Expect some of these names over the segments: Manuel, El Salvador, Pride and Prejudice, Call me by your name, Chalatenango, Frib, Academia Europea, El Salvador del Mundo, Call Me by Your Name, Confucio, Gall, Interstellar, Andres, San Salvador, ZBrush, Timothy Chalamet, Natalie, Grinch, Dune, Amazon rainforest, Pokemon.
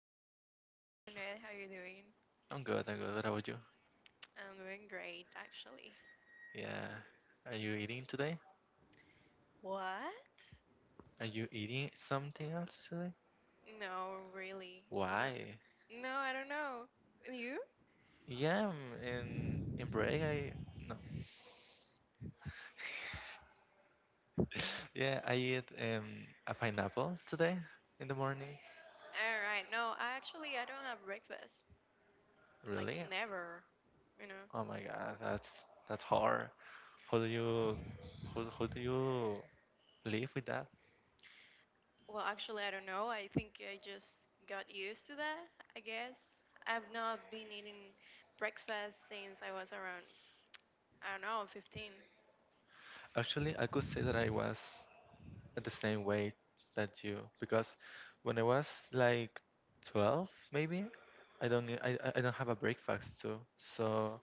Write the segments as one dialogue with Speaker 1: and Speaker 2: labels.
Speaker 1: Hello, Manuel. How you doing?
Speaker 2: I'm good, I'm good. What about you?
Speaker 1: I'm doing great, actually.
Speaker 2: Yeah. Are you eating today?
Speaker 1: What?
Speaker 2: Are you eating something else today?
Speaker 1: No, really.
Speaker 2: Why?
Speaker 1: No. No, I don't know. You?
Speaker 2: Yeah, I'm in break I no. Yeah, I eat a pineapple today in the morning.
Speaker 1: All right. No, I actually I don't have breakfast. Like
Speaker 2: Really?
Speaker 1: never, you know.
Speaker 2: Oh my god, that's hard. How do you how do you live with that?
Speaker 1: Well, actually, I don't know. I think I just got used to that, I guess. I've not been eating breakfast since I was around, I don't know, 15.
Speaker 2: Actually, I could say that I was at the same way that you because when I was like 12 maybe I don't get- I don't have a breakfast too, so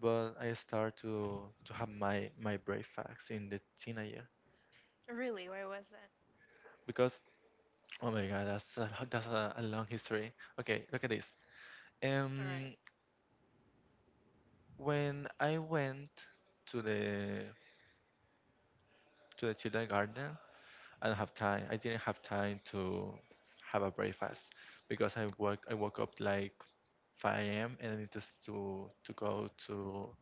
Speaker 2: but I start to have my breakfast in the teenager,
Speaker 1: Really? Where was that?
Speaker 2: because oh my god, that's a, ho- that's a long history. Okay, look at this.
Speaker 1: All right.
Speaker 2: um when I went to the kindergarten I don't have time. I didn't have time to have a breakfast because I woke up like 5 a.m. and I need to s- to go to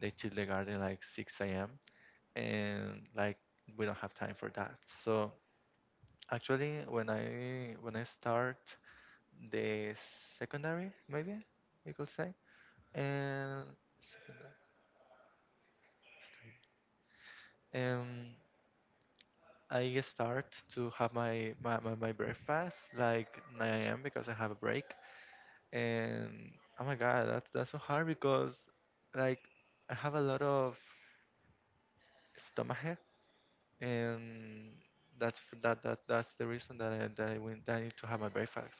Speaker 2: the kindergarten like 6 a.m., and like we don't have time for that. So actually, when I start the secondary, maybe we could say, and secondary, study, um, I start to have my breakfast like 9 a.m. because I have a break. And oh my god, that's so hard because like I have a lot of stomachache, and that's f- that's the reason that I went, that I need to have my breakfast.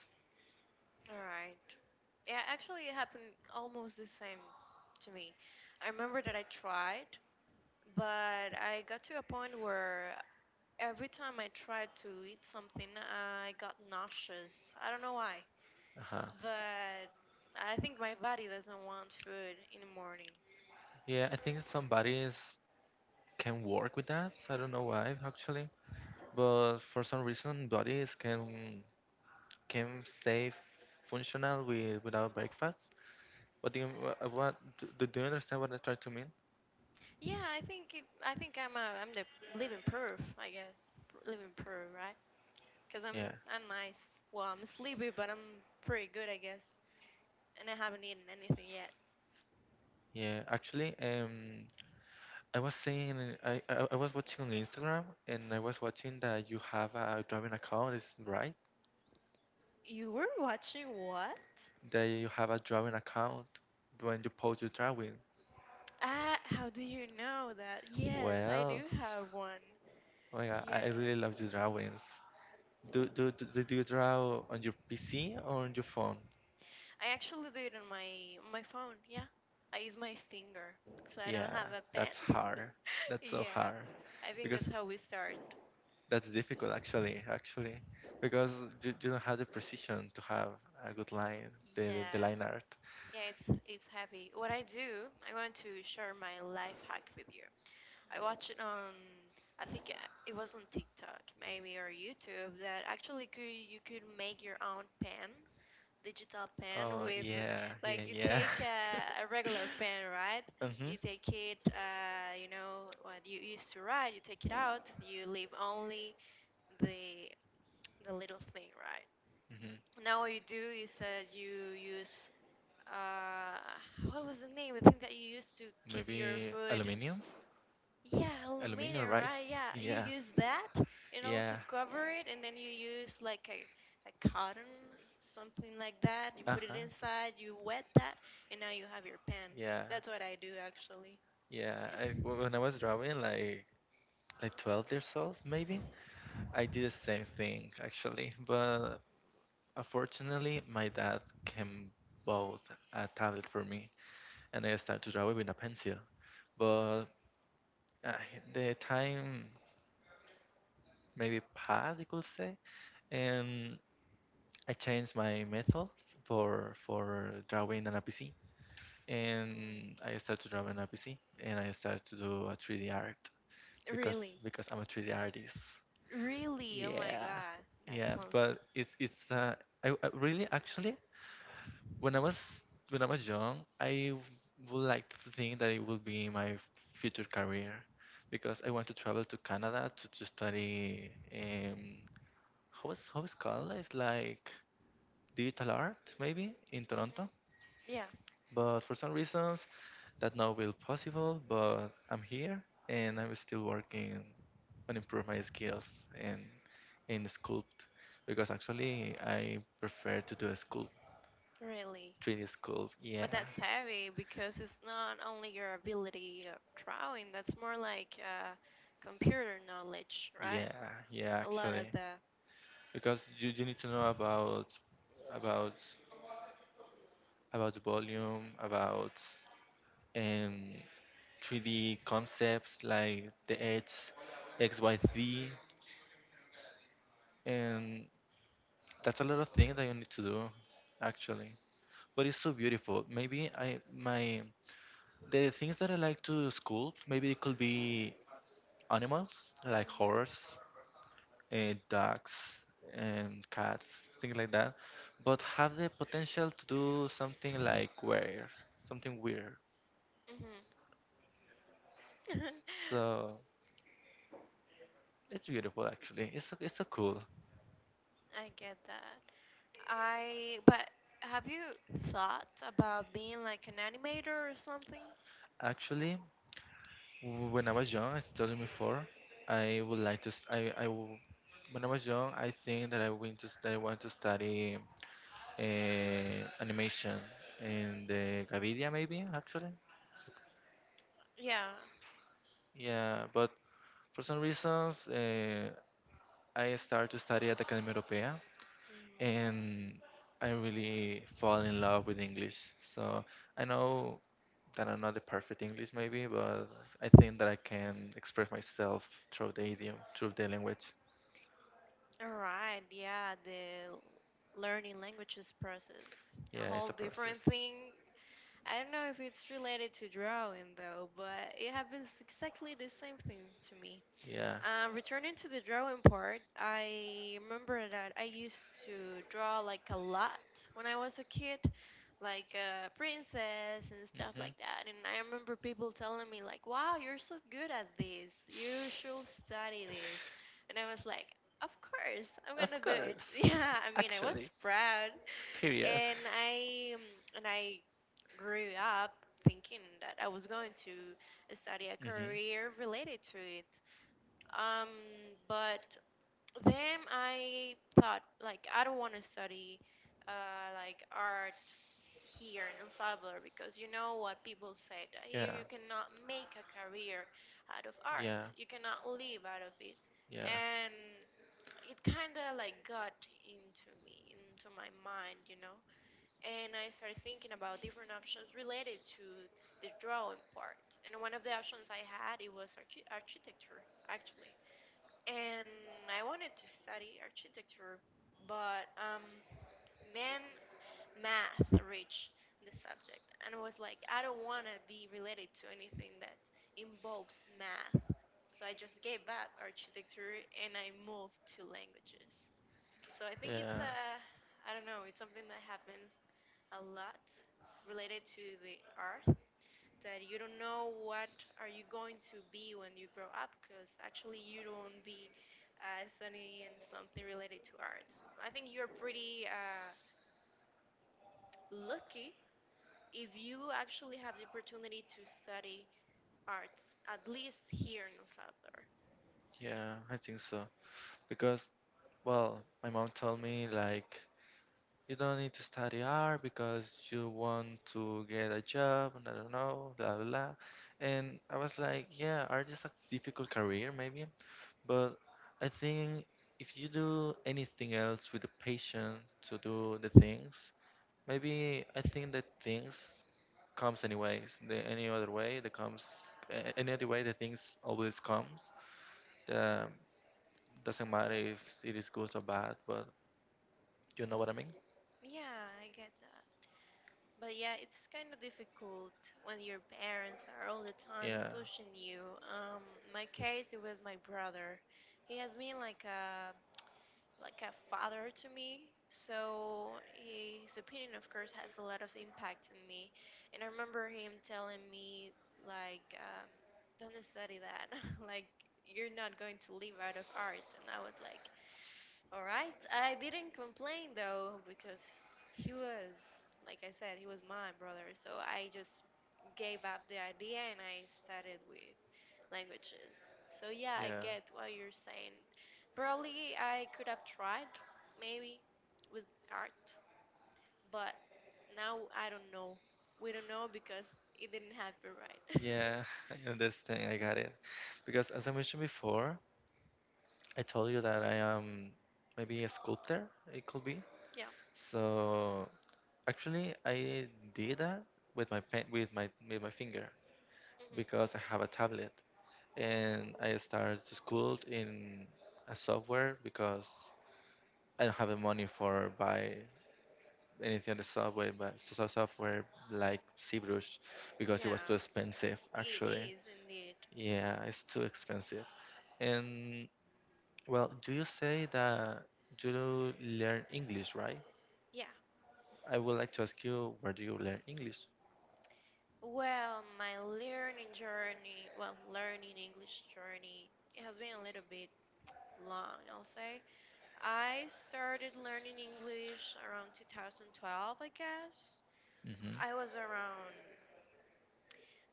Speaker 1: All right. Yeah, actually, it happened almost the same to me. I remember that I tried, but I got to a point where every time I tried to eat something, I got nauseous. I don't know why,
Speaker 2: Uh-huh.
Speaker 1: but I think my body doesn't want food in the morning.
Speaker 2: Yeah, I think some bodies can work with that, so I don't know why actually, but for some reason bodies can stay functional with without breakfast. But do you, wha- what do, do you understand what I try to mean?
Speaker 1: Yeah, I think I'm the living proof, I guess. Living proof, right? Because I'm
Speaker 2: Yeah,
Speaker 1: I'm nice. Well, I'm sleepy, but I'm pretty good, I guess. And I haven't eaten anything yet.
Speaker 2: yeah. Actually, I was seeing, I was watching on Instagram, and I was watching that you have a drawing account. Is right?
Speaker 1: You were watching what?
Speaker 2: That you have a drawing account when you post your drawing.
Speaker 1: Ah, how do you know that? Yes, I do
Speaker 2: Well,
Speaker 1: have one.
Speaker 2: my God, I
Speaker 1: Yeah.
Speaker 2: really love your drawings. Do do do, do you draw on your PC or on your phone?
Speaker 1: I actually do it on my phone. Yeah. I use my finger because I don't
Speaker 2: Yeah,
Speaker 1: have a
Speaker 2: that's
Speaker 1: pen.
Speaker 2: hard. That's so
Speaker 1: Yeah.
Speaker 2: hard
Speaker 1: I think
Speaker 2: because
Speaker 1: that's how we start.
Speaker 2: that's difficult actually. Actually, because you don't have the precision to have a good line,
Speaker 1: Yeah.
Speaker 2: the line art.
Speaker 1: Yeah, it's heavy. What I do, I want to share my life hack with you. I watch it on, I think, it was on TikTok, maybe, or YouTube, that actually could you could make your own pen, digital pen,
Speaker 2: Oh
Speaker 1: with
Speaker 2: yeah, yeah,
Speaker 1: like you
Speaker 2: yeah.
Speaker 1: take a regular pen, right,
Speaker 2: Mm-hmm.
Speaker 1: you take it, you know, what you used to write, you take it out, you leave only the the little thing, right?
Speaker 2: Mm-hmm.
Speaker 1: Now what you do is, you use, uh, what was the name, the thing that you used to keep your
Speaker 2: Maybe
Speaker 1: food,
Speaker 2: aluminium?
Speaker 1: yeah,
Speaker 2: Aluminium,
Speaker 1: aluminum,
Speaker 2: right?
Speaker 1: right? Yeah, you
Speaker 2: Yeah.
Speaker 1: use that, to
Speaker 2: Yeah.
Speaker 1: cover it, and then you use like a cotton, something like that. You put it
Speaker 2: Uh-huh.
Speaker 1: inside, you wet that, and now you have your pan.
Speaker 2: Yeah.
Speaker 1: That's what I do actually.
Speaker 2: Yeah. I, wh- when I was drawing, like 12 years old, maybe, I did the same thing actually. But unfortunately, my dad can bought a tablet for me, and I started to draw it with a pencil. But uh, the time maybe passed, you could say, and I changed my method for drawing on a PC,
Speaker 1: Mm.
Speaker 2: and I started to draw an NPC and I started to do a 3D art because
Speaker 1: Really?
Speaker 2: I'm a 3D artist.
Speaker 1: Really? Oh my
Speaker 2: Yeah,
Speaker 1: God, that
Speaker 2: yeah, but
Speaker 1: sounds.
Speaker 2: it's I really actually when I was when I was young, I w- would like to think that it will be my f- future career because I want to travel to Canada to study, how is called? It's like digital art maybe in Toronto.
Speaker 1: Hmm. Yeah,
Speaker 2: But for some reasons, that now will possible, but I'm here and I'm still working on improve my skills and in sculpt, because actually I prefer to do a sculpt
Speaker 1: really.
Speaker 2: 3D sculpt.
Speaker 1: But
Speaker 2: Yeah,
Speaker 1: that's heavy because it's not only your ability of drawing, that's more like computer knowledge, right?
Speaker 2: yeah, yeah
Speaker 1: A lot of
Speaker 2: actually.
Speaker 1: the.
Speaker 2: Because you need to know about about volume, about um 3D concepts like the edge, XYZ, and that's a lot of things that you need to do actually. But it's so beautiful. Maybe I my the things that I like to sculpt. Maybe it could be animals like horse, dogs, and cats, things like that. But have the potential to do something like weird, something weird.
Speaker 1: Hmm. I
Speaker 2: So it's beautiful actually. It's so cool.
Speaker 1: get that. I But have you thought about being like an animator or something?
Speaker 2: Actually, w- when I was young, I told you before, I would like to s- I w- when I was young, I think that I went to s- that I want to study, animation in the Gavidia, maybe actually.
Speaker 1: Yeah.
Speaker 2: Yeah, but for some reasons, I started to study at Academia Europea,
Speaker 1: Mm.
Speaker 2: and I really fall in love with English. So I know that I'm not the perfect English, maybe, but I think that I can express myself through the idiom, through the language.
Speaker 1: All right. Yeah, the learning languages process. A
Speaker 2: Yeah,
Speaker 1: whole
Speaker 2: it's a process.
Speaker 1: different thing. I don't know if it's related to drawing though, but it happens exactly the same thing to me.
Speaker 2: Yeah.
Speaker 1: Returning to the drawing part, I remember that I used to draw like a lot when I was a kid, like a princess and stuff
Speaker 2: Hmm.
Speaker 1: like that. And I remember people telling me like, "Wow, you're so good at this. You should study this." And I was like, "Of course, I'm
Speaker 2: Of
Speaker 1: gonna do it."
Speaker 2: course.
Speaker 1: Yeah, I mean, I was
Speaker 2: Actually,
Speaker 1: proud,
Speaker 2: period.
Speaker 1: and I um, and I grew up thinking that I was going to study a
Speaker 2: Hmm.
Speaker 1: career related to it. Um, but then I thought, like, I don't want to study like art here in El Salvador because you know what people say, that here
Speaker 2: Yeah,
Speaker 1: you cannot make a career out of
Speaker 2: yeah,
Speaker 1: art, you cannot live out of it,
Speaker 2: yeah,
Speaker 1: and it kind of like got into me, into my mind, and I started thinking about different options related to the drawing part, and one of the options I had, it was architecture actually, and I wanted to study architecture, but then math reached the subject, and I was like, I don't want to be related to anything that involves math. So I just gave up architecture and I moved to languages. So I think it's
Speaker 2: yeah,
Speaker 1: I don't know, it's something that happens a lot related to the art, that you don't know what are you going to be when you grow up because actually you don't be studying something related to arts. I think you're pretty lucky if you actually have the opportunity to study arts, at least here in El Salvador.
Speaker 2: yeah, I think so. Because, well, my mom told me, like, you don't need to study art because you want to get a job, and I don't know, blah, blah, blah. And I was like, yeah, art is a difficult career, maybe, but I think if you do anything else with the patience to do the things, maybe I think that things comes anyways. The, any other way, that comes a- any other way, the things always comes. The, doesn't matter if it is good or bad, but you know what I mean?
Speaker 1: Yeah, I get that. But yeah, it's kind of difficult when your parents are all the time
Speaker 2: Yeah,
Speaker 1: pushing you. um, my case, it was my brother. He has been like a father to me. So his opinion, of course, has a lot of impact on me. And I remember him telling me, like, don't study that. Like, you're not going to live out of art. And I was like, all right. I didn't complain though, because he was, like I said, he was my brother. So I just gave up the idea and I started with languages. So yeah, I
Speaker 2: yeah,
Speaker 1: get what you're saying. Probably I could have tried, maybe, with art, but now I don't know. We don't know because it didn't happen, right.
Speaker 2: yeah. I understand. I got it. Because as I mentioned before, I told you that I am maybe a sculptor. It could be.
Speaker 1: Yeah.
Speaker 2: So actually, I did that with my pen, with my finger
Speaker 1: Hmm.
Speaker 2: because I have a tablet, and I started to school in a software because I don't have the money for buy anything on the subway, but software like ZBrush because it was too
Speaker 1: Yeah,
Speaker 2: expensive
Speaker 1: it
Speaker 2: actually.
Speaker 1: is indeed.
Speaker 2: Yeah, it's too expensive. And well, do you say that you learn English, right?
Speaker 1: Yeah.
Speaker 2: I would like to ask you, where do you learn English?
Speaker 1: Well, my learning journey, well, learning English journey, it has been a little bit long, I'll say. I started learning English around 2012, I guess.
Speaker 2: Mm-hmm.
Speaker 1: I was around,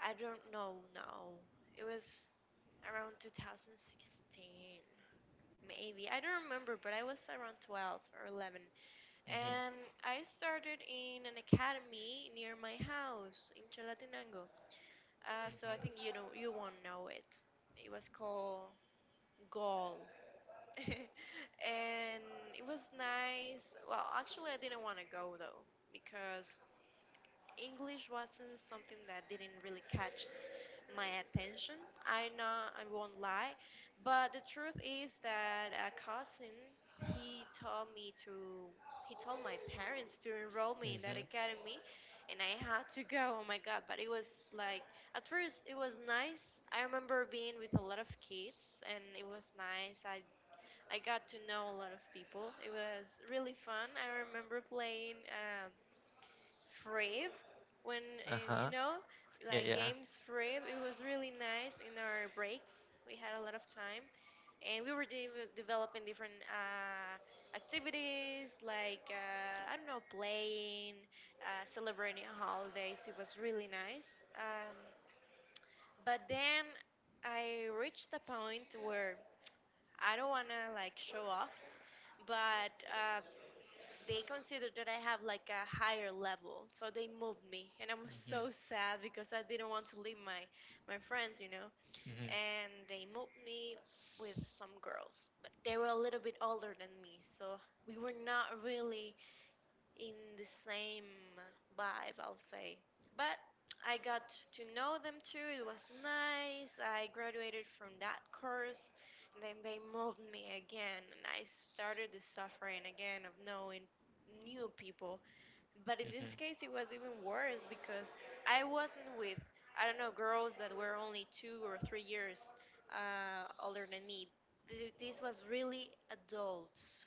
Speaker 1: I don't know now. It was around 2016, maybe. I don't remember, but I was around 12 or 11.
Speaker 2: Mm-hmm.
Speaker 1: And I started in an academy near my house in Chalatenango. So I think you know, you won't know it. It was called Gall. And it was nice. Well, actually, I didn't want to go though because English wasn't something that didn't really catch my attention. I know I won't lie, but the truth is that a cousin, he told me to he told my parents to enroll
Speaker 2: Mm-hmm.
Speaker 1: me in that
Speaker 2: Mm-hmm.
Speaker 1: academy and I had to go. Oh my God, but it was like at first it was nice. I remember being with a lot of kids and it was nice. I got to know a lot of people. It was really fun. I remember playing Frib, when you
Speaker 2: Uh-huh.
Speaker 1: know,
Speaker 2: Yeah,
Speaker 1: like
Speaker 2: yeah.
Speaker 1: games, Frib, it was really nice. In our breaks we had a lot of time and we were developing different activities, like I don't know, playing, celebrating holidays. It was really nice, but then I reached a point where I don't wanna like show off, but they considered that I have like a higher level, so they moved me, and I'm so
Speaker 2: Mm-hmm.
Speaker 1: sad because I didn't want to leave my friends.
Speaker 2: Mm-hmm.
Speaker 1: And they moved me with some girls, but they were a little bit older than me, so we were not really in the same vibe, I'll say. But I got to know them too. It was nice. I graduated from that course, and then they moved me again, and I started the suffering again of knowing new people. But in this
Speaker 2: Mm-hmm.
Speaker 1: case, it was even worse because I wasn't with, I don't know, girls that were only 2 or 3 years older than me. This was really adults,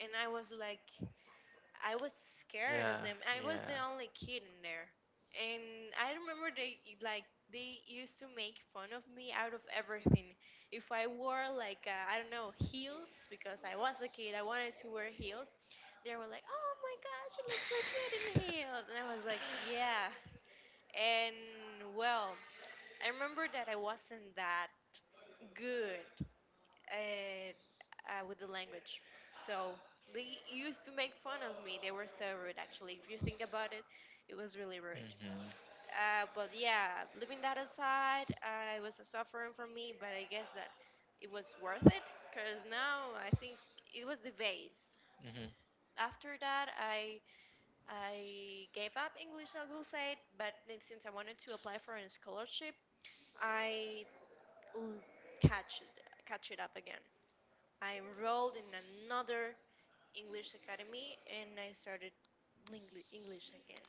Speaker 1: and I was like, I was scared of
Speaker 2: Yeah,
Speaker 1: them. I was
Speaker 2: yeah.
Speaker 1: the only kid in there. And I remember they used to make fun of me out of everything. If I wore like I don't know, heels, because I was a kid, I wanted to wear heels. They were like, "Oh my gosh, you look so cute in heels," and I was like, "Yeah." And well, I remember that I wasn't that good and with the language. So they used to make fun of me. They were so rude, actually. If you think about it, it was really rude.
Speaker 2: Mm-hmm.
Speaker 1: But yeah, leaving that aside, it was a suffering for me, but I guess that it was worth it because now I think it was the base.
Speaker 2: Mm-hmm.
Speaker 1: After that, I gave up English, I will say, but then since I wanted to apply for a scholarship, I l- catch it up again. I enrolled in another English academy and I started English again.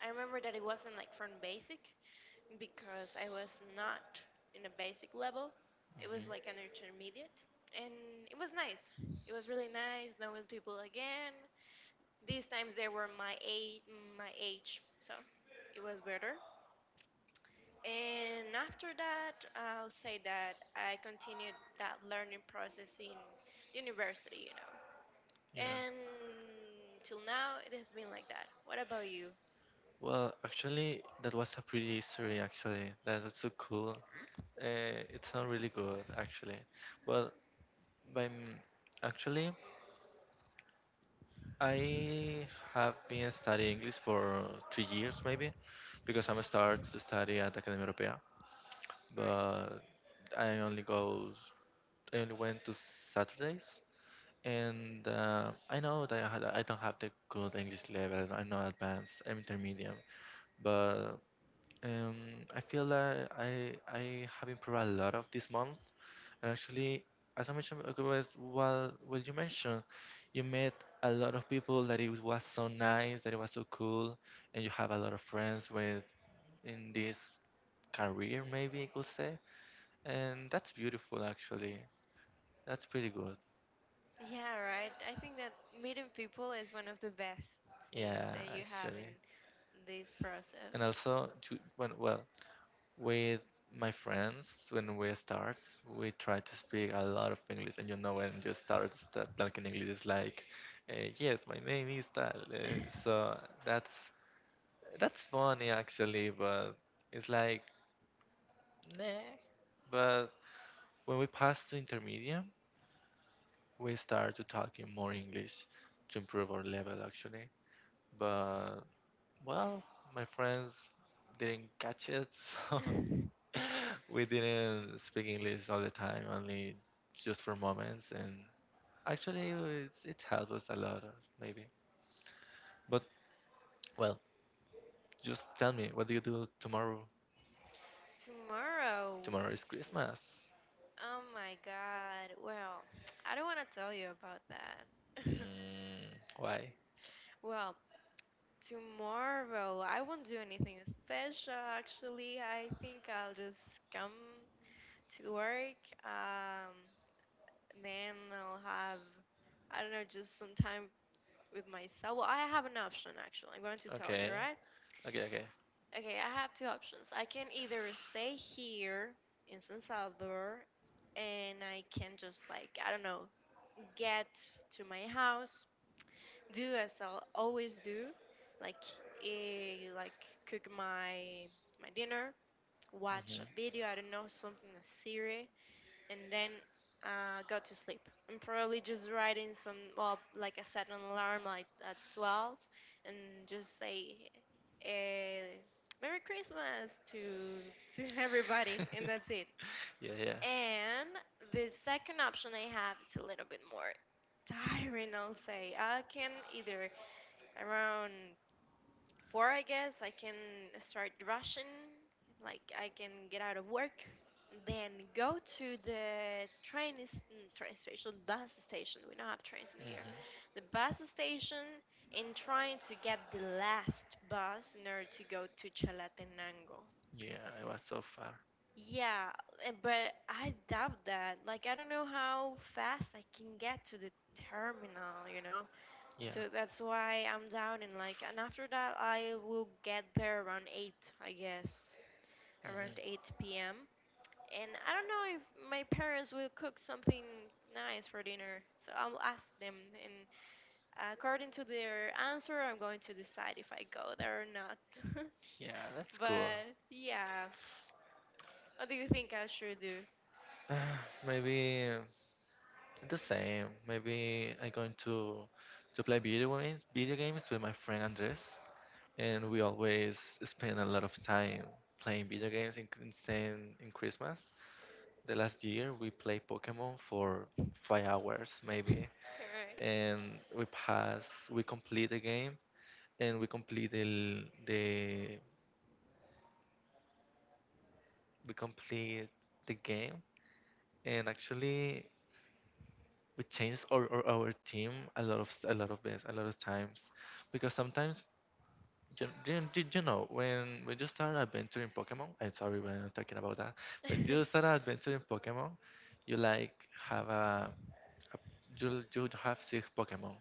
Speaker 1: I remember that it wasn't like from basic because I was not in a basic level. It was
Speaker 2: Mm-hmm.
Speaker 1: like an intermediate and it was nice. It was really nice knowing people again. These times they were my age, so it was better. And after that, I'll say that I continued that learning process in university.
Speaker 2: Yeah.
Speaker 1: And till now, it has been like that. What about you?
Speaker 2: Well, actually, that was a pretty history, actually. That was so cool. Uh, it sounded really good, actually. Well, but actually, I have been studying English for 3 years, maybe, because I'm start to study at Academia Europea.
Speaker 1: Right.
Speaker 2: But I only go, I only went to Saturdays.
Speaker 1: Mhm.
Speaker 2: And I know that I, had, I don't have the good English level. I'm not advanced. I'm intermediate. But um, I feel that I have improved a lot of this month. And actually, as I mentioned, was while you mentioned, you met a lot of people that it was so nice, that it was so cool, and you have a lot of friends with in this career, maybe you could say. And that's beautiful, actually. That's pretty good.
Speaker 1: Yeah, right. I think that meeting people is one of the best things
Speaker 2: Yeah,
Speaker 1: that you have in
Speaker 2: actually.
Speaker 1: this
Speaker 2: And
Speaker 1: process.
Speaker 2: also, to, when, well, with my friends, when we start, we try to speak a lot of English. And you know, when you start the like in English, is like, yes, my name is Tal. So that's that's funny actually, but it's like, nah. But when we pass to intermediate, we start to talking more English to improve our level actually. But well, my friends didn't catch it, so we didn't speak English all the time, only just for moments. And actually, it's, it helps us a lot, maybe. But well, just tell me, what do you do tomorrow?
Speaker 1: Tomorrow.
Speaker 2: Tomorrow is Christmas.
Speaker 1: Oh my God. Well, I don't want to tell you about that.
Speaker 2: Mm, why?
Speaker 1: Well, tomorrow I won't do anything special actually. I think I'll just come to work. Um, and then I'll have, I don't know, just some time with myself. Well, I have an option actually. I'm going to tell you,
Speaker 2: Okay,
Speaker 1: right?
Speaker 2: okay, okay.
Speaker 1: Okay, I have two options. I can either stay here in San Salvador and I can just, like, I don't know, get to my house, do as I'll always do, like like cook my dinner, watch
Speaker 2: Hmm.
Speaker 1: a video, I don't know, something, a series, and then go to sleep. I'm probably just writing some, well, like I set an alarm like at 12 and just say eh, Merry Christmas to everybody, and that's it.
Speaker 2: Yeah, yeah.
Speaker 1: And the second option I have, it's a little bit more tiring, I'll say. I can either around four, I guess, I can start rushing, like I can get out of work, then go to the train, train station, bus station. We don't have trains in here.
Speaker 2: Hmm.
Speaker 1: The bus station and trying to get the last bus in order to go to Chalatenango.
Speaker 2: Yeah, it was so far.
Speaker 1: Yeah, but I doubt that. Like, I don't know how fast I can get to the terminal, you know?
Speaker 2: Yeah.
Speaker 1: So that's why I'm down and, like, and after that, I will get there around 8, I guess, around
Speaker 2: Hmm.
Speaker 1: 8 p.m. And I don't know if my parents will cook something nice for dinner. So I'll ask them, and according to their answer, I'm going to decide if I go there or not.
Speaker 2: Yeah, that's cool.
Speaker 1: But yeah, what do you think I should do?
Speaker 2: Maybe the same. Maybe I'm going to play video games with my friend Andres, and we always spend a lot of time playing video games in, same- in Christmas. The last year we played Pokemon for 5 hours maybe,
Speaker 1: Alright.
Speaker 2: and we pass, we complete the game, and we complete the we complete the game. And actually, we change our team a lot of s- a lot of bits, a lot of times because sometimes you, you, you know when you start adventuring Pokemon, I'm sorry when I'm talking about that, when you start adventuring Pokemon you like have a you have 6 Pokemon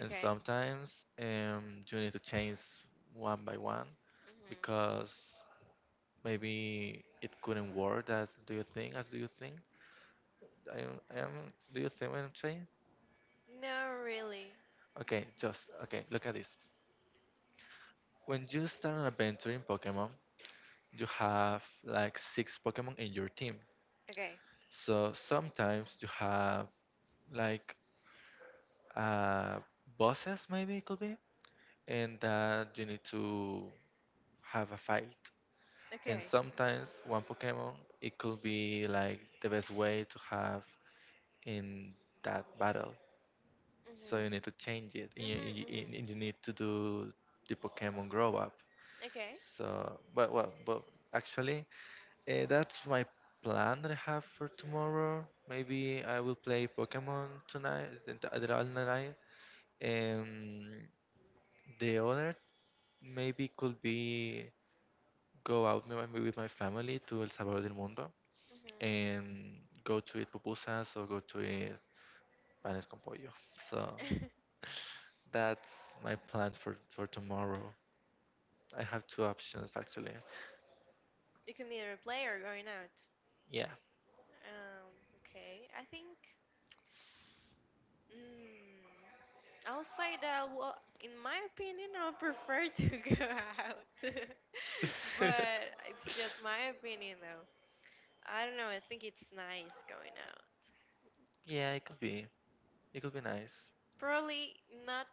Speaker 2: and sometimes you need to change one by one
Speaker 1: hmm
Speaker 2: because maybe it couldn't work as do you think as do you think I do you think what I'm saying
Speaker 1: No, really.
Speaker 2: okay just okay look at this. When you start an adventure in Pokemon, you have like 6 Pokemon in your team.
Speaker 1: Okay.
Speaker 2: So sometimes you have like uh, bosses, maybe it could be, and that you need to have a fight. And
Speaker 1: Okay.
Speaker 2: sometimes one Pokemon, it could be like the best way to have in that battle. So you need to
Speaker 1: Mm-hmm.
Speaker 2: change it, and
Speaker 1: Mm-hmm. Mm-hmm.
Speaker 2: and you need to do the Pokemon grow up.
Speaker 1: Okay.
Speaker 2: So, but well, but actually, that's my plan that I have for tomorrow. Maybe I will play Pokemon tonight, the other night. Um, the other maybe could be go out with my family to El Salvador del Mundo
Speaker 1: Mm-hmm.
Speaker 2: and go to eat pupusas or go to eat panes con pollo. So that's my plan for tomorrow. I have two options actually.
Speaker 1: You can either play or going out.
Speaker 2: Yeah.
Speaker 1: Um, okay. I think. Mm, I'll say that. Well, in my opinion, I would prefer to go out, but it's just my opinion, though. I don't know. I think it's nice going out.
Speaker 2: Yeah, it could be. It could be nice.
Speaker 1: Probably not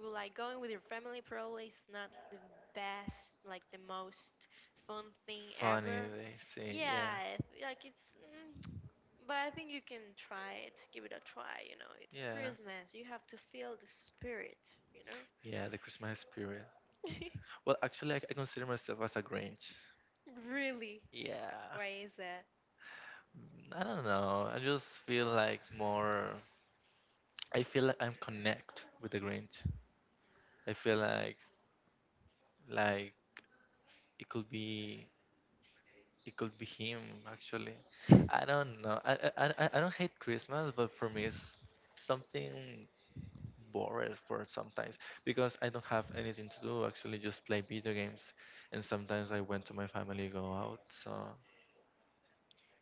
Speaker 1: well, like going with your family. Probably is not the best, like the most fun thing
Speaker 2: Funny,
Speaker 1: ever.
Speaker 2: they say. Yeah,
Speaker 1: Yeah, I th- like it's. Mm, But I think you can try it. Give it a try, you know. It's
Speaker 2: yeah,
Speaker 1: Christmas. You have to feel the spirit, you know?
Speaker 2: yeah. The Christmas spirit. Well, actually, I consider myself as a Grinch.
Speaker 1: Really?
Speaker 2: Yeah.
Speaker 1: Why is that?
Speaker 2: I don't know. I just feel like more. I feel like I'm connect with the Grinch. I feel like like it could be it could be him actually. I don't know. I don't hate Christmas, but for me it's something bored for sometimes because I don't have anything to do. Actually, just play video games, and sometimes I went to my family go out. So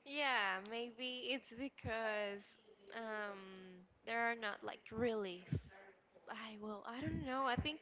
Speaker 1: Yeah, maybe it's because um there are not like really f- I well, I don't know. I think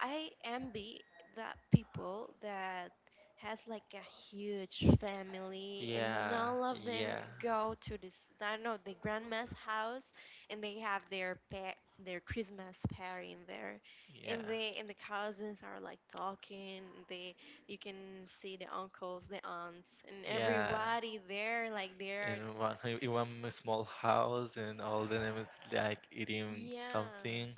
Speaker 1: I envy that people that has like a huge family and
Speaker 2: yeah,
Speaker 1: all of them
Speaker 2: yeah,
Speaker 1: go to this, I don't know, the grandma's house and they have their pet their Christmas party in there
Speaker 2: yeah,
Speaker 1: and they and the cousins are like talking they you can see the uncles the aunts and
Speaker 2: yeah.
Speaker 1: everybody there like they're
Speaker 2: In one in one small house, and all the name is like eating
Speaker 1: yeah
Speaker 2: something,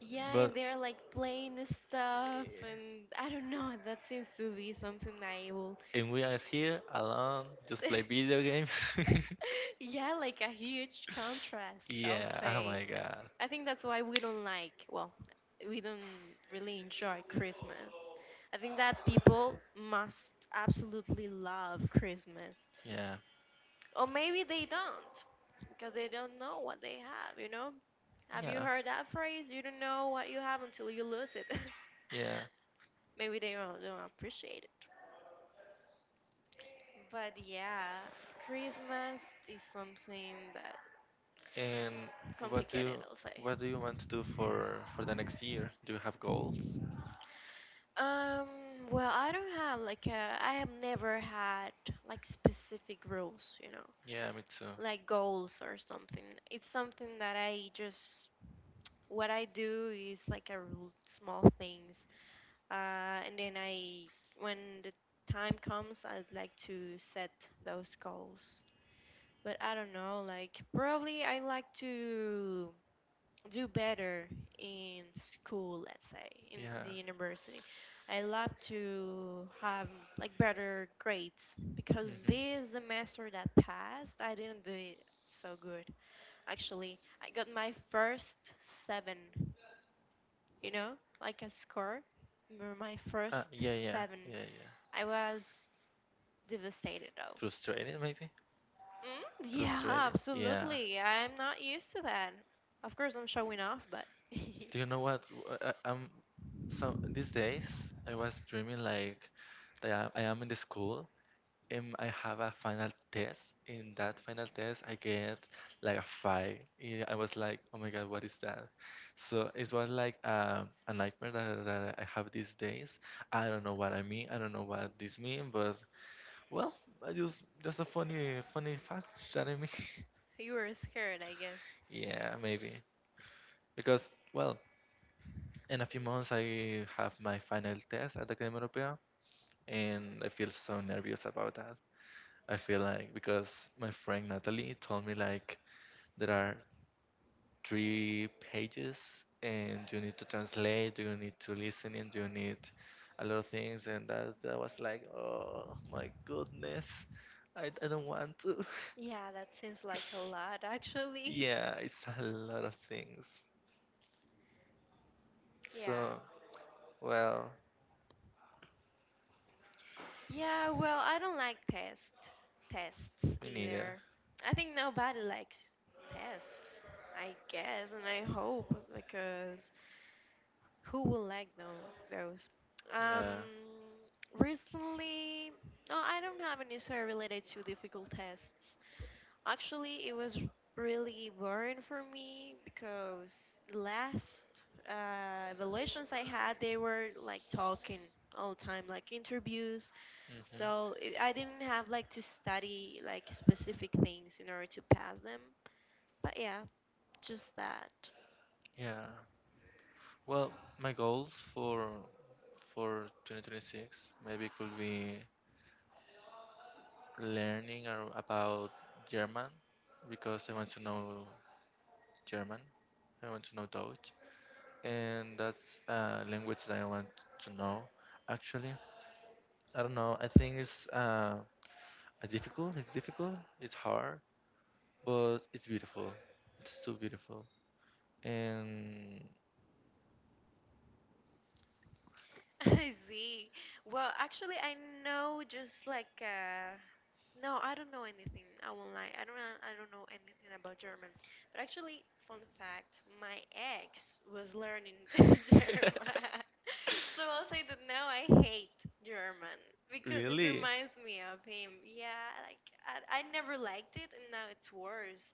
Speaker 1: yeah, and
Speaker 2: but
Speaker 1: they're like playing and stuff,
Speaker 2: eh,
Speaker 1: and I don't know. That seems to be something I will
Speaker 2: and we are here alone, just play video games.
Speaker 1: yeah, like a huge contrast, I'll
Speaker 2: Yeah. Oh
Speaker 1: say.
Speaker 2: my god.
Speaker 1: I think that's why we don't like, well, we don't really enjoy Christmas. I think that people must absolutely love Christmas.
Speaker 2: Yeah.
Speaker 1: Or maybe they don't, because they don't know what they have, you know? Have you
Speaker 2: Yeah.
Speaker 1: heard that phrase? You don't know what you have until you lose it.
Speaker 2: Yeah.
Speaker 1: Maybe they don't appreciate it. But yeah, Christmas is something that
Speaker 2: And what do
Speaker 1: complicated,
Speaker 2: you
Speaker 1: I'll say.
Speaker 2: what do you want to do for the next year? Do you have goals?
Speaker 1: Um, well, I don't have like a, I have never had like specific rules, you know,
Speaker 2: Yeah, me too.
Speaker 1: like goals or something. It's something that I just what I do is like a rule, small things. Uh, and then I when the time comes, I'd like to set those goals. But I don't know, like probably I like to do better in school, let's say, in
Speaker 2: Yeah.
Speaker 1: the university. I love to have like better grades because
Speaker 2: Mm-hmm.
Speaker 1: this semester that passed, I didn't do it so good. Actually, I got my first seven, you know, like a score. Remember my
Speaker 2: Ah
Speaker 1: first
Speaker 2: yeah, yeah,
Speaker 1: seven.
Speaker 2: yeah, yeah.
Speaker 1: I was devastated though.
Speaker 2: Frustrated, maybe?
Speaker 1: Yeah,
Speaker 2: Frustrated? Yeah.
Speaker 1: absolutely. I'm not used to that. Of course, I'm showing off, but
Speaker 2: Do you know what? I am, some these days I was dreaming like that I am in the school. I have a final test. In that final test, I get like a five. Yeah, I was like, oh my God, what is that? So it was like a nightmare that, I have these days. I don't know what I mean. I don't know what this mean, but well, I just a funny fact that I mean.
Speaker 1: You were scared, I guess.
Speaker 2: Yeah, maybe. Because, well, in a few months I have my final test at the Academia Europea, and I feel so nervous about that. I feel like because my friend Natalie told me like there are three pages, and you need to translate, you need to listen, and you need a lot of things. And that was like, oh my goodness, I don't want to.
Speaker 1: Yeah, that seems like a lot, actually.
Speaker 2: Yeah, it's a lot of things. So,
Speaker 1: Yeah.
Speaker 2: well,
Speaker 1: Yeah, well, I don't like tests
Speaker 2: me neither.
Speaker 1: either. I think nobody likes tests, I guess, and I hope because who will like them, those? Um,
Speaker 2: Yeah.
Speaker 1: Recently, no, I don't have any story related to difficult tests. Actually, it was really boring for me because the last evaluations I had, they were like talking all the time, like interviews. So
Speaker 2: Hmm.
Speaker 1: it, I didn't have like to study like specific things in order to pass them. But yeah, just that.
Speaker 2: Yeah. Well, my goals for 2026 maybe could be learning about German because I want to know German, I want to know Dutch, and that's a language that I want to know. Actually, I don't know. I think it's a difficult. It's difficult. It's hard, but it's beautiful. It's too beautiful. And
Speaker 1: I see. Well, actually, I know just like no, I don't know anything. I won't lie. I don't know anything about German. But actually, fun fact: my ex was learning German. So I'll say that now I hate German because it
Speaker 2: really,
Speaker 1: reminds me of him. Yeah, like I never liked it and now it's worse.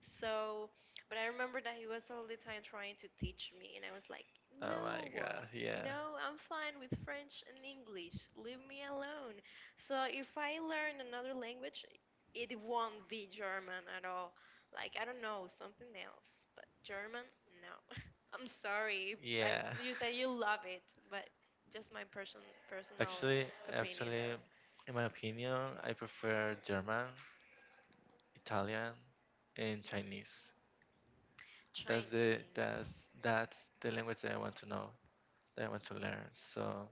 Speaker 1: So, but I remember that he was all the time trying to teach me and I was like,
Speaker 2: oh my
Speaker 1: no,
Speaker 2: God, yeah,
Speaker 1: no, I'm fine with French and English. Leave me alone. So if I learn another language, it won't be German at all. Like, I don't know, something else, but German, no. I'm sorry. I s
Speaker 2: yeah.
Speaker 1: you say you love it, but just my personal
Speaker 2: Actually,
Speaker 1: opinion
Speaker 2: actually,
Speaker 1: though.
Speaker 2: in my opinion, I prefer German, Italian, and Chinese. That's the
Speaker 1: Chinese.
Speaker 2: that's the language that I want to know, that I want to learn. So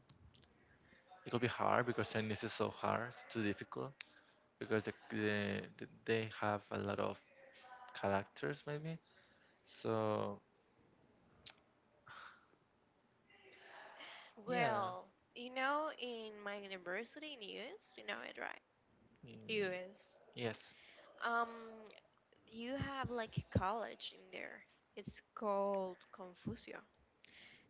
Speaker 2: it could be hard because Chinese is so hard, it's too difficult because they have a lot of characters maybe. So yeah,
Speaker 1: Well, you know, in my university in US, you know it, right?
Speaker 2: mm,
Speaker 1: US.
Speaker 2: yes,
Speaker 1: Um, you have like a college in there. It's called Confucio.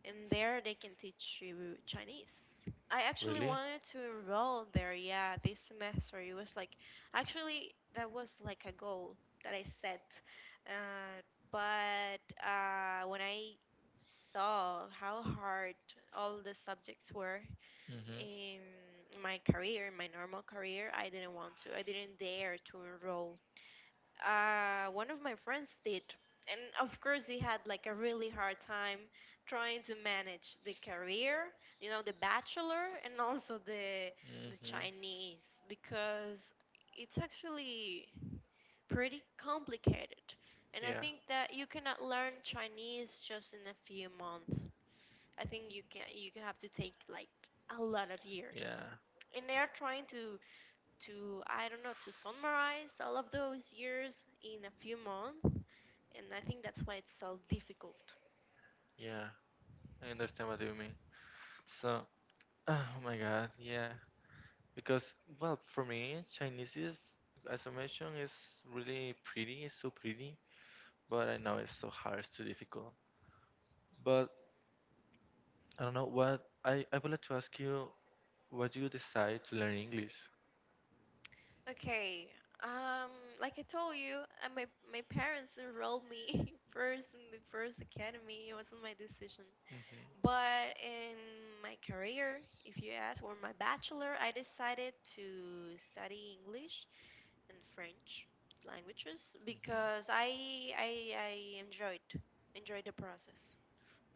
Speaker 1: And there they can teach you Chinese. I actually
Speaker 2: really.
Speaker 1: wanted to enroll there, yeah, this semester. It was like, actually, that was like a goal that I set. Uh, but when I saw how hard all the subjects were
Speaker 2: Mhm,
Speaker 1: in my career, in my normal career, I didn't want to. I didn't dare to enroll one of my friends did. And of course, he had like a really hard time trying to manage the career, you know, the bachelor and also the
Speaker 2: mhm,
Speaker 1: Chinese because it's actually pretty complicated. And I
Speaker 2: yeah,
Speaker 1: think that you cannot learn Chinese just in a few months. I think you can have to take like a lot of years
Speaker 2: yeah,
Speaker 1: and they are trying to I don't know to summarize all of those years in a few months, and I think that's why it's so difficult.
Speaker 2: yeah. I understand what you mean. So, oh my God, yeah. Because, well, for me, Chinese is, as I mentioned, is really pretty. It's so pretty, but I know it's so hard. It's too difficult. But I don't know what I would like to ask you: what you decide to learn English?
Speaker 1: Okay. Um, like I told you, my parents enrolled me first in the first academy. It wasn't my decision.
Speaker 2: Mm-hmm.
Speaker 1: But in my career, if you ask, or my bachelor, I decided to study English and French languages
Speaker 2: Mm-hmm.
Speaker 1: because I enjoyed enjoyed the process,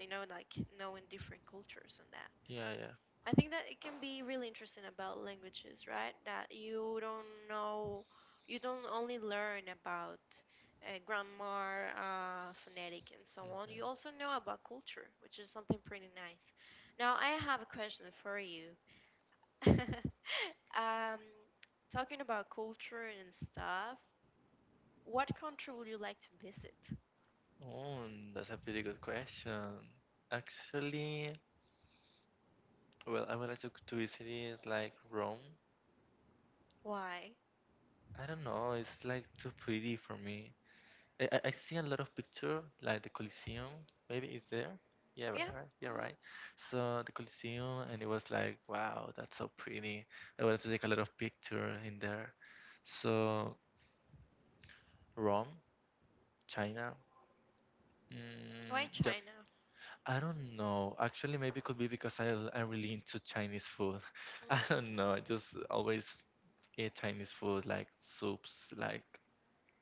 Speaker 1: you know, like knowing different cultures and that.
Speaker 2: Yeah, yeah.
Speaker 1: I think that it can be really interesting about languages, right? That you don't know, you don't only learn about grammar, phonetic, and so on. You
Speaker 2: Mm-hmm.
Speaker 1: also know about culture, which is something pretty nice. Now, I have a question for you. um, Talking about culture and stuff, what country would you like to visit?
Speaker 2: Oh, that's a pretty good question. Actually, well, I would like to visit like Rome.
Speaker 1: Why?
Speaker 2: I don't know. It's like too pretty for me. I see a lot of picture like the Coliseum. Maybe it's there. Yeah,
Speaker 1: Yeah.
Speaker 2: right. Yeah,
Speaker 1: hmm
Speaker 2: right. So the Coliseum, and it was like, wow, that's so pretty. I wanted to take a lot of picture in there. So Rome, China.
Speaker 1: Why
Speaker 2: Mm, yep.
Speaker 1: China?
Speaker 2: I don't know. Actually, maybe it could be because I'm really into Chinese food. I don't
Speaker 1: Mm.
Speaker 2: know. I just always eat Chinese food like soups, like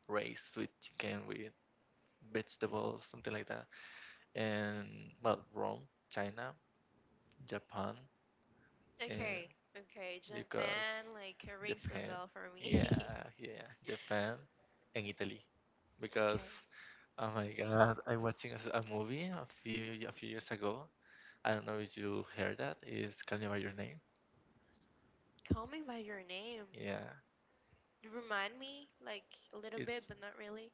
Speaker 2: rice with chicken with vegetables, something like that. And well, Rome, China, Japan, and
Speaker 1: Okay, okay.
Speaker 2: because
Speaker 1: Japan like rings a
Speaker 2: Japan,
Speaker 1: bell for me.
Speaker 2: yeah, yeah, Japan and Italy.
Speaker 1: Okay.
Speaker 2: Because oh my God, I watching a, a movie a few years ago. I don't know if you heard that. It's Call Me by Your Name.
Speaker 1: Call me by your name.
Speaker 2: Yeah,
Speaker 1: You remind me like a little bit,
Speaker 2: it's
Speaker 1: but not really.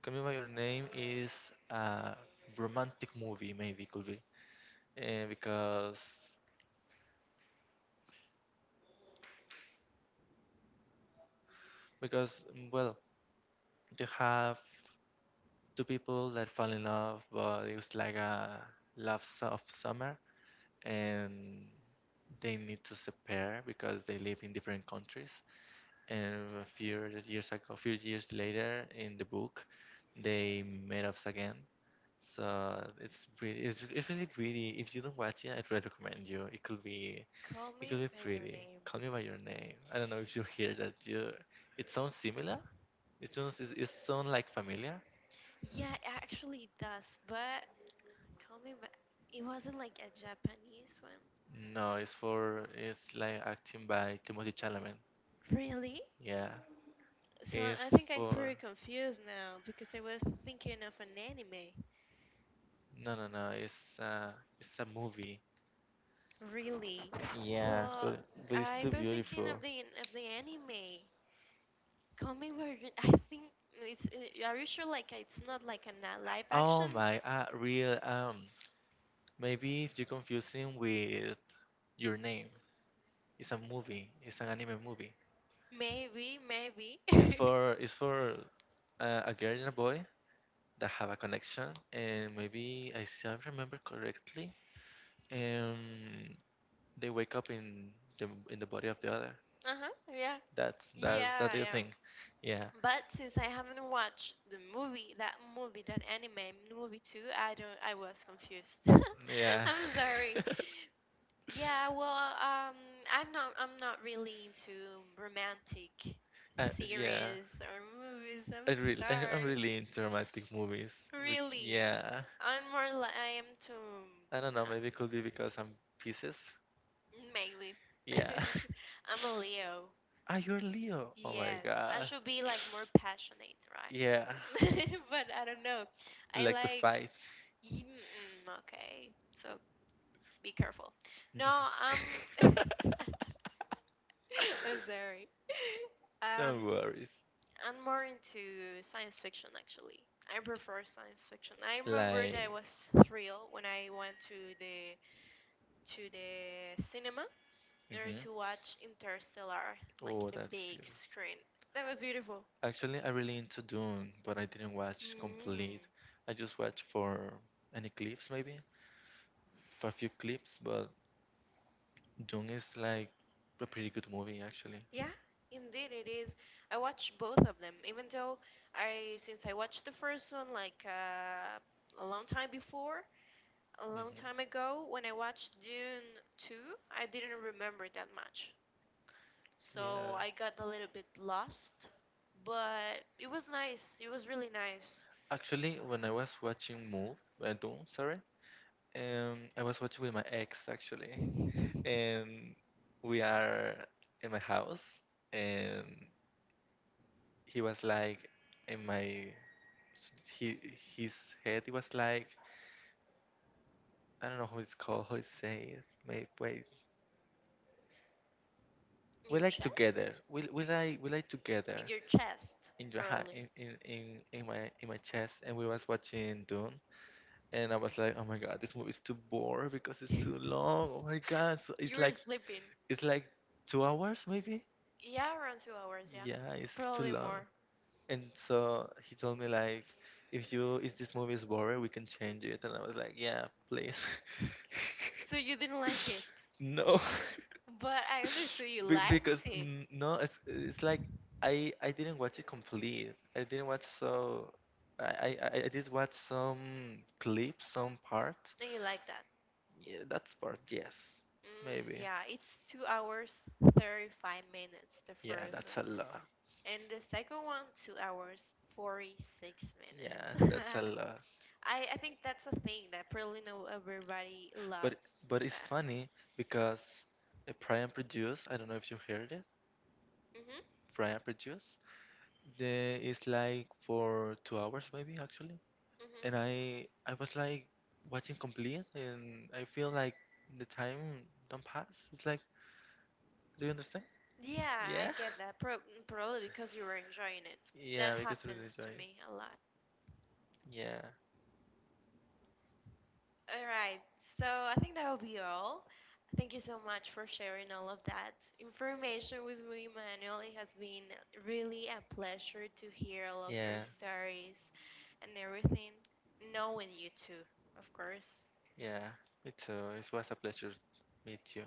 Speaker 2: Call Me by Your Name, is a romantic movie, maybe could be. Because well, you have two people that fall in love, but it was like a love of summer, and they need to separate because they live in different countries. And a few years ago, a few years later, in the book, they met up again. So it's pretty, it's really pretty. If you don't watch it, I'd really recommend you.
Speaker 1: Call
Speaker 2: It
Speaker 1: me
Speaker 2: could be
Speaker 1: by your
Speaker 2: pretty.
Speaker 1: name.
Speaker 2: Call Me by Your Name. I don't know if you hear that. It sounds similar. It sounds, it sounds like familiar.
Speaker 1: Yeah, it actually does, but call me by it wasn't like a Japanese one.
Speaker 2: No, it's for it's like acting by Timothy Chalamet.
Speaker 1: Really?
Speaker 2: Yeah,
Speaker 1: So I
Speaker 2: it's
Speaker 1: think I'm
Speaker 2: for
Speaker 1: pretty confused now because I was thinking of an anime.
Speaker 2: no, no, no. It's a movie.
Speaker 1: Really?
Speaker 2: Yeah,
Speaker 1: Well,
Speaker 2: but it's
Speaker 1: I
Speaker 2: too
Speaker 1: was thinking
Speaker 2: beautiful.
Speaker 1: of the anime. Coming version, I think it's. Are you sure? Like it's not like a live
Speaker 2: Oh
Speaker 1: action?
Speaker 2: my, real maybe if you confuse him with your name, it's a movie. It's an anime movie.
Speaker 1: Maybe, maybe.
Speaker 2: It's for a girl and a boy that have a connection, and maybe I, if I remember correctly, um, they wake up in the body of the other.
Speaker 1: Uh-huh, yeah.
Speaker 2: That's
Speaker 1: Yeah,
Speaker 2: that little
Speaker 1: I am.
Speaker 2: thing. Yeah,
Speaker 1: But since I haven't watched the movie, that anime movie too, I don't I was confused.
Speaker 2: yeah,
Speaker 1: I'm sorry. Yeah, well, um, I'm not really into romantic
Speaker 2: yeah.
Speaker 1: series or movies.
Speaker 2: I
Speaker 1: I'm
Speaker 2: really I'm
Speaker 1: sorry.
Speaker 2: really into romantic movies.
Speaker 1: Really.
Speaker 2: Yeah,
Speaker 1: I'm more like I am to
Speaker 2: I don't know. Maybe it could be because I'm Pisces.
Speaker 1: maybe.
Speaker 2: Yeah.
Speaker 1: I'm a Leo.
Speaker 2: Ah, you're Leo. Oh my
Speaker 1: Yes, I
Speaker 2: God.
Speaker 1: should be like more passionate,
Speaker 2: Yeah,
Speaker 1: right? But I don't know.
Speaker 2: you
Speaker 1: I
Speaker 2: like to
Speaker 1: like.
Speaker 2: fight.
Speaker 1: Okay, so be careful. No,
Speaker 2: Jo-
Speaker 1: I'm sorry. Um,
Speaker 2: no worries.
Speaker 1: I'm more into science fiction actually. I prefer science fiction. I remember
Speaker 2: Like
Speaker 1: that I was thrilled when I went to the cinema in order
Speaker 2: hmm.
Speaker 1: to watch Interstellar, like
Speaker 2: Oh,
Speaker 1: in the
Speaker 2: that's
Speaker 1: big
Speaker 2: beautiful.
Speaker 1: screen. That was beautiful.
Speaker 2: Actually, I really into Dune, but I didn't watch complete.
Speaker 1: Mm,
Speaker 2: I just watched for any clips, maybe, for a few clips. But Dune is like a pretty good movie, actually.
Speaker 1: yeah, indeed it is. I watched both of them, even though I since I watched the first one like a long time before, a long
Speaker 2: Hmm.
Speaker 1: time ago, when I watched Dune 2, I didn't remember that much. So
Speaker 2: Yeah.
Speaker 1: I got a little bit lost. But it was nice. It was really nice.
Speaker 2: Actually, when I was watching Dune, sorry, I was watching with my ex, actually, and we are in my house and he was like in my he his head, it was like I don't know how it's called, how it's say it, may wait,
Speaker 1: In
Speaker 2: we
Speaker 1: your
Speaker 2: like
Speaker 1: chest?
Speaker 2: together, we like
Speaker 1: In
Speaker 2: together
Speaker 1: your chest,
Speaker 2: in your
Speaker 1: probably.
Speaker 2: in my chest, and we was watching Dune and I was like oh my god, this movie is too boring because it's too long, oh my god, so
Speaker 1: You were sleeping.
Speaker 2: it's like 2 hours maybe.
Speaker 1: Yeah, around 2 hours, yeah.
Speaker 2: Yeah, it's too
Speaker 1: Probably
Speaker 2: long.
Speaker 1: more.
Speaker 2: And so he told me like, if you if this movie is boring, we can change it. And I was like, yeah, please.
Speaker 1: So you didn't like it.
Speaker 2: No,
Speaker 1: But I understood you
Speaker 2: Because
Speaker 1: liked it.
Speaker 2: no, it's like I didn't watch it complete. I didn't watch so I did watch some clips, some part.
Speaker 1: And you like that.
Speaker 2: Yeah, that's part. Yes, maybe.
Speaker 1: Yeah, it's 2 hours, 35 minutes, the
Speaker 2: Yeah,
Speaker 1: first
Speaker 2: that's
Speaker 1: one.
Speaker 2: a lot.
Speaker 1: And the second one, 2 hours, 46
Speaker 2: Yeah,
Speaker 1: minutes.
Speaker 2: that's a lot.
Speaker 1: I think that's a thing that probably no everybody
Speaker 2: But
Speaker 1: loves
Speaker 2: it's
Speaker 1: that.
Speaker 2: funny because a Pride and Prejudice, I don't know if you heard it,
Speaker 1: hmm
Speaker 2: Pride and Prejudice, they it's like for 2 hours maybe actually. And
Speaker 1: hmm
Speaker 2: I was like watching complete and I feel like the time don't pass. It's like do you understand?
Speaker 1: Yeah, I
Speaker 2: Yeah.
Speaker 1: get that. Probably because you were enjoying it. That
Speaker 2: Yeah, because we really
Speaker 1: happens
Speaker 2: enjoy
Speaker 1: to
Speaker 2: it.
Speaker 1: me a lot.
Speaker 2: Yeah,
Speaker 1: All right. So I think that will be all. Thank you so much for sharing all of that information with me, Manuel. It has been really a pleasure to hear all of your
Speaker 2: yeah,
Speaker 1: stories and everything, knowing you too, of course.
Speaker 2: yeah. Me too. It was a pleasure to meet you.